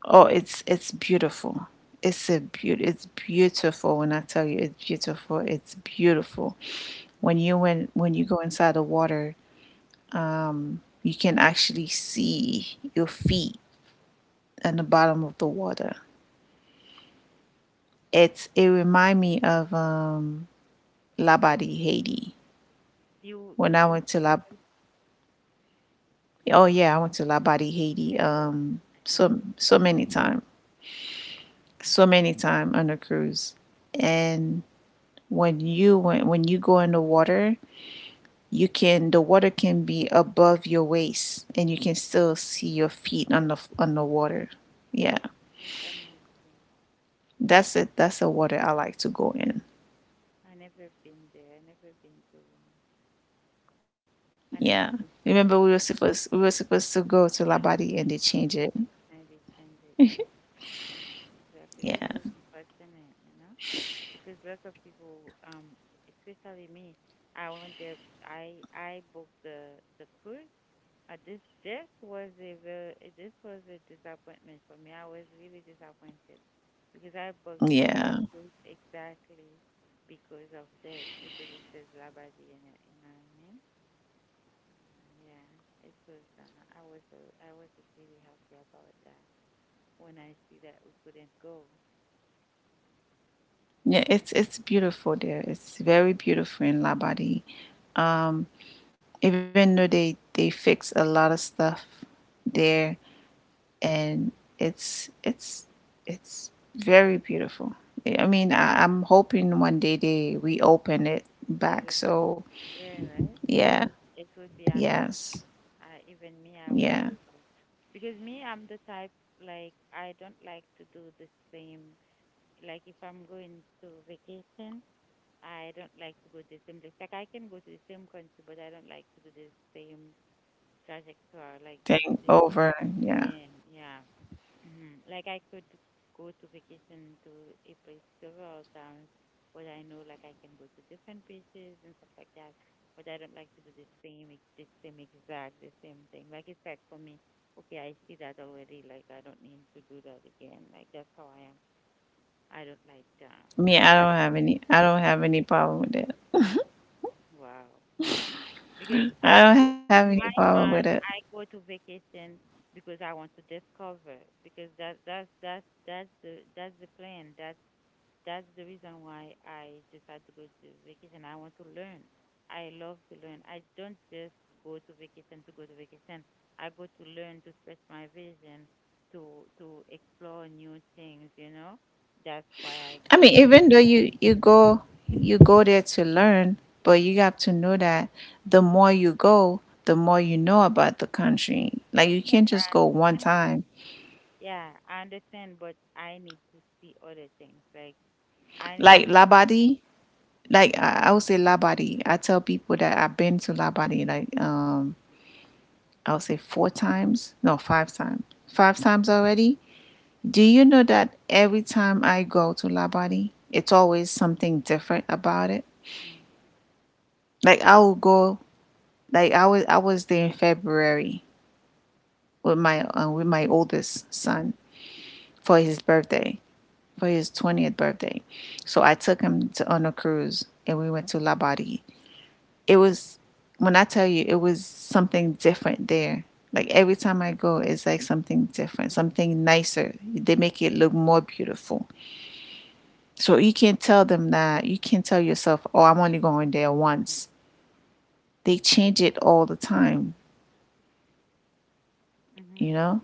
Oh, it's beautiful. It's a beaut. It's beautiful when I tell you it's beautiful. It's beautiful
mm,
when you go inside the water, you can actually see your feet on the bottom of the water. It remind me of, Labadie, Haiti.
you
When I
you've
went
been
to
to,
La oh yeah, I went to Labadie, Haiti,
never, I
so
never
so
been,
many time. So many time on a cruise. And when you go in the water, you can the water can be above your waist and you can still see your feet on
yeah
the water, yeah.
that's amazing.
That's the water I like to go in,
I never been there, I never been to um, I never
yeah.
been to
Remember
Labrador,
we were supposed to go to La Body and they change it,
and they change it, yeah. Exactly. That's
yeah,
what's unfortunate, you know, because lots of people, especially me, I went there. I booked the cruise. This this was a very this was a disappointment for me. I was really disappointed because I booked
yeah.
cruise exactly because of this because it says Labadi in it. You know what I mean? Yeah. It was. I was really happy about that when I see that we couldn't go.
Yeah, it's beautiful there, it's very beautiful in La Body. um Even though they fix a lot of stuff
Mhm,
there, and it's it's it's very beautiful. I mean, I'm hoping one day they reopen it
they,
back. So
yeah, right?
yeah,
It would be amazing.
yes,
Even me, I would
yeah.
go back. Because me, I'm the type, like, I don't like to do the same. Like, if I'm going to vacation, I don't like to go to the same place. Like, I can go to the same country, but I don't like to do the same trajectory, like the
Thing
same route
over. Yeah,
again. Yeah. Mhm. Like I could go to vacation to a place several times, but I know like I can go to different beaches and stuff like that. But I don't like to do the same, the same exact, the same thing. Like it's like for me, okay, I see that already. Like I don't need to do that again. Like that's how I am. I don't like that.
I mean,
Exactly.
I don't have any problem with it.
Wow. Mm. Because
I
I
don't
go,
have any
in my
problem with it.
mind, I go to vacation because I want to discover. Because that that's the plan. That's the reason why I decided to go to vacation. I want to learn. I love to learn. I don't just go to vacation to go to vacation. I go to learn to stretch my vision, to explore new things. You know, that's why I
I mean,
go.
even though you go there to learn, but you have to know that the more you go, the more you know about the country. Like you
Yes,
can't
I
just go one
understand.
time.
Yeah, I understand, but I need to see other things. Like I need
Like
to see.
Labadi, like I would say Labadi. I tell people that I've been to Labadi like, I would say 4 times, no, 5 times, 5 times already. Do you know that every time I go to Labadi, it's always something different about it.
Mm-hmm,
Like I will go, like I was there in February with my with my oldest son for his birthday, for his 20th birthday. So I took him to on a cruise and we went to Labadi it was when I tell you it was something different there. Like every time I go, it's like something different, something nicer. They make it look more beautiful. So you can't tell them that. You can't tell yourself, oh, I'm only going there once. They change it all the time, you
mm-hmm.
know?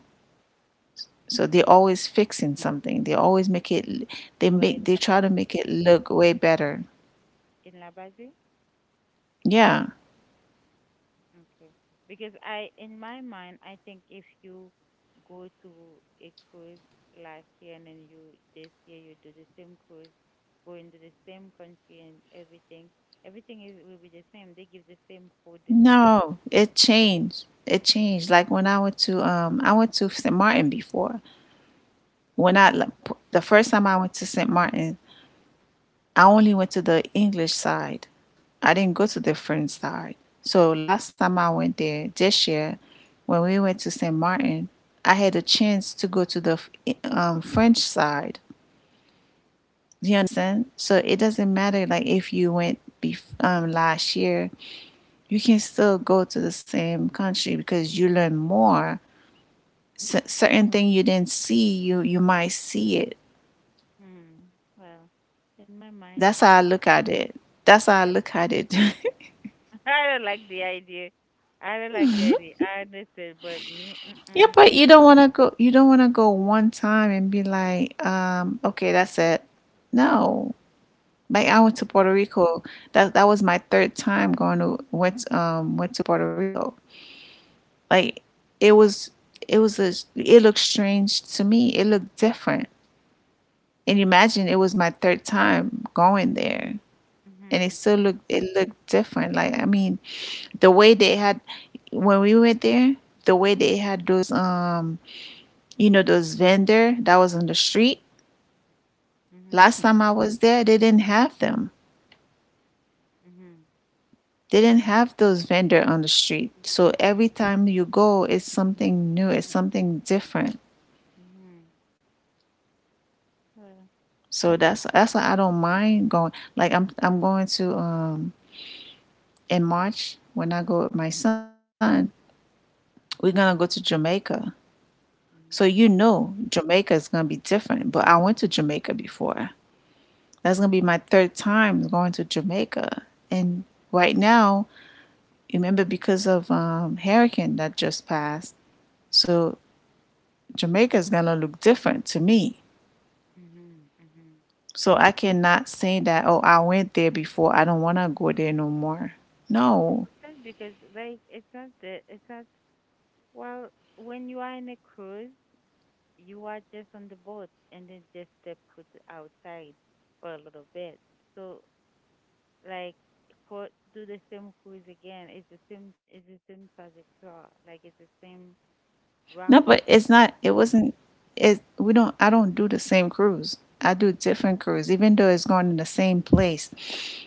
So they're always fixing something. They always make it, they
Well, in
make, they
La,
try to make it look way better.
in Base?
Yeah.
Okay. Because I, in my mind, I think if you go to a cruise last year and then you this year you do the same cruise, go into the same country and everything, everything is will be the same. They give the same food, the same everything.
No, it changed. It changed. Like when I went to St. Martin before. When I The first time I went to St. Martin, I only went to the English side. I didn't go to the French side. So last time I went there this year, when we went to St. Martin, I had a chance to go to the French side. Do you understand? So it doesn't matter like if you went last year, you can still go to the same country because you learn more. Certain thing you didn't see, you might see it.
Hmm. Well, in my mind,
That's how I look at it. That's how I
I,
look at it.
(laughs) I don't like the idea. I don't like the idea. I understand, but me,
(laughs) Yeah,
mm-mm.
but you don't want to go. You don't want to go one time and be like, okay, that's it. No, like I went to Puerto Rico. That was my third time going to went went to Puerto Rico. Like it was it was a it looked strange to me. It looked different. And imagine it was my third time going there, and it
Mhm.
still looked different. Like I mean, the way they had when we went there the way they had those you know those vendor that was on the street
Mhm.
last time I was there they didn't have them
Mhm.
they didn't have those vendor on the street. So every time you go it's something new, it's something different.
Mhm. Well.
So that's why I don't mind going. Like I'm going to in March when I go with my son we're gonna go to Jamaica. So
Mhm.
you know Jamaica is gonna be different, but I went to Jamaica before. That's gonna be my third time going to Jamaica. And right now, remember because of hurricane that just passed, so Jamaica is gonna look different to me.
Mhm. Mhm.
So I cannot say that oh I went there before. I don't wanna go there no more. No,
That's because like it's not the it's not well when you are in a cruise you are just on the boat and then just step foot outside for a little bit. So like for do the same cruise again. It's the same trajectory. Like it's the same
no,
route.
but it's not. It wasn't. It we don't. I don't do the same cruise. I do different cruise, even though it's going in the same place.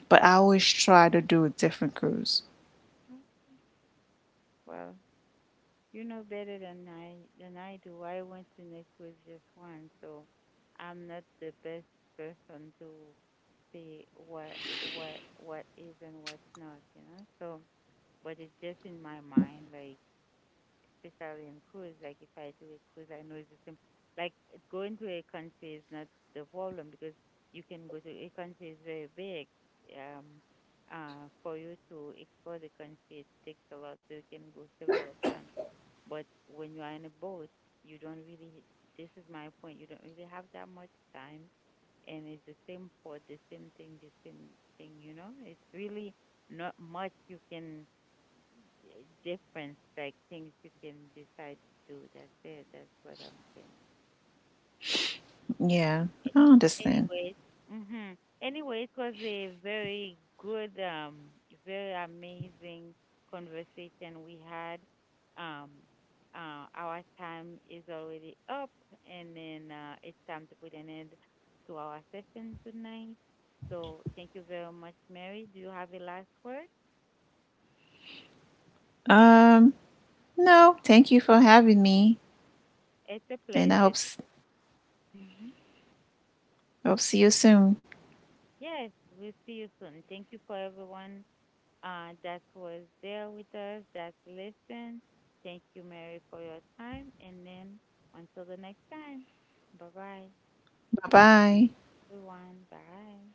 But I always try to do a different cruise.
Mhm. Well, you know better than I do. I went in a cruise just once, so I'm not the best person to see what what is and what's not, you know. So, but it's just in my mind, like especially in cruise. Like if I do a cruise, I know it's the same. Like going to a country is not the problem because you can go to a country is very big. Um, for you to explore the country, it takes a lot, so you can go several times. But when you are in a boat, you don't really, this is my point, you don't really have that much time. And it's the same for the same thing, you know? It's really not much you can difference, like things you can decide to do. That's it. That's what I'm saying.
Yeah, I understand.
Anyways, hmm anyway, it was a very good, very amazing conversation we had. Um, our time is already up, and then it's time to put an end to our session tonight. So thank you very much, Mary. Do you have a last word?
Um, No, thank you for having me,
It's a
and I
pleasure.
hope
Hmm.
hope see you soon.
Yes, we'll see you soon. Thank you for everyone that was there with us, that listened. Thank you, Mary, for your time. And then until the next time, bye bye,
Bye bye.
everyone. Bye.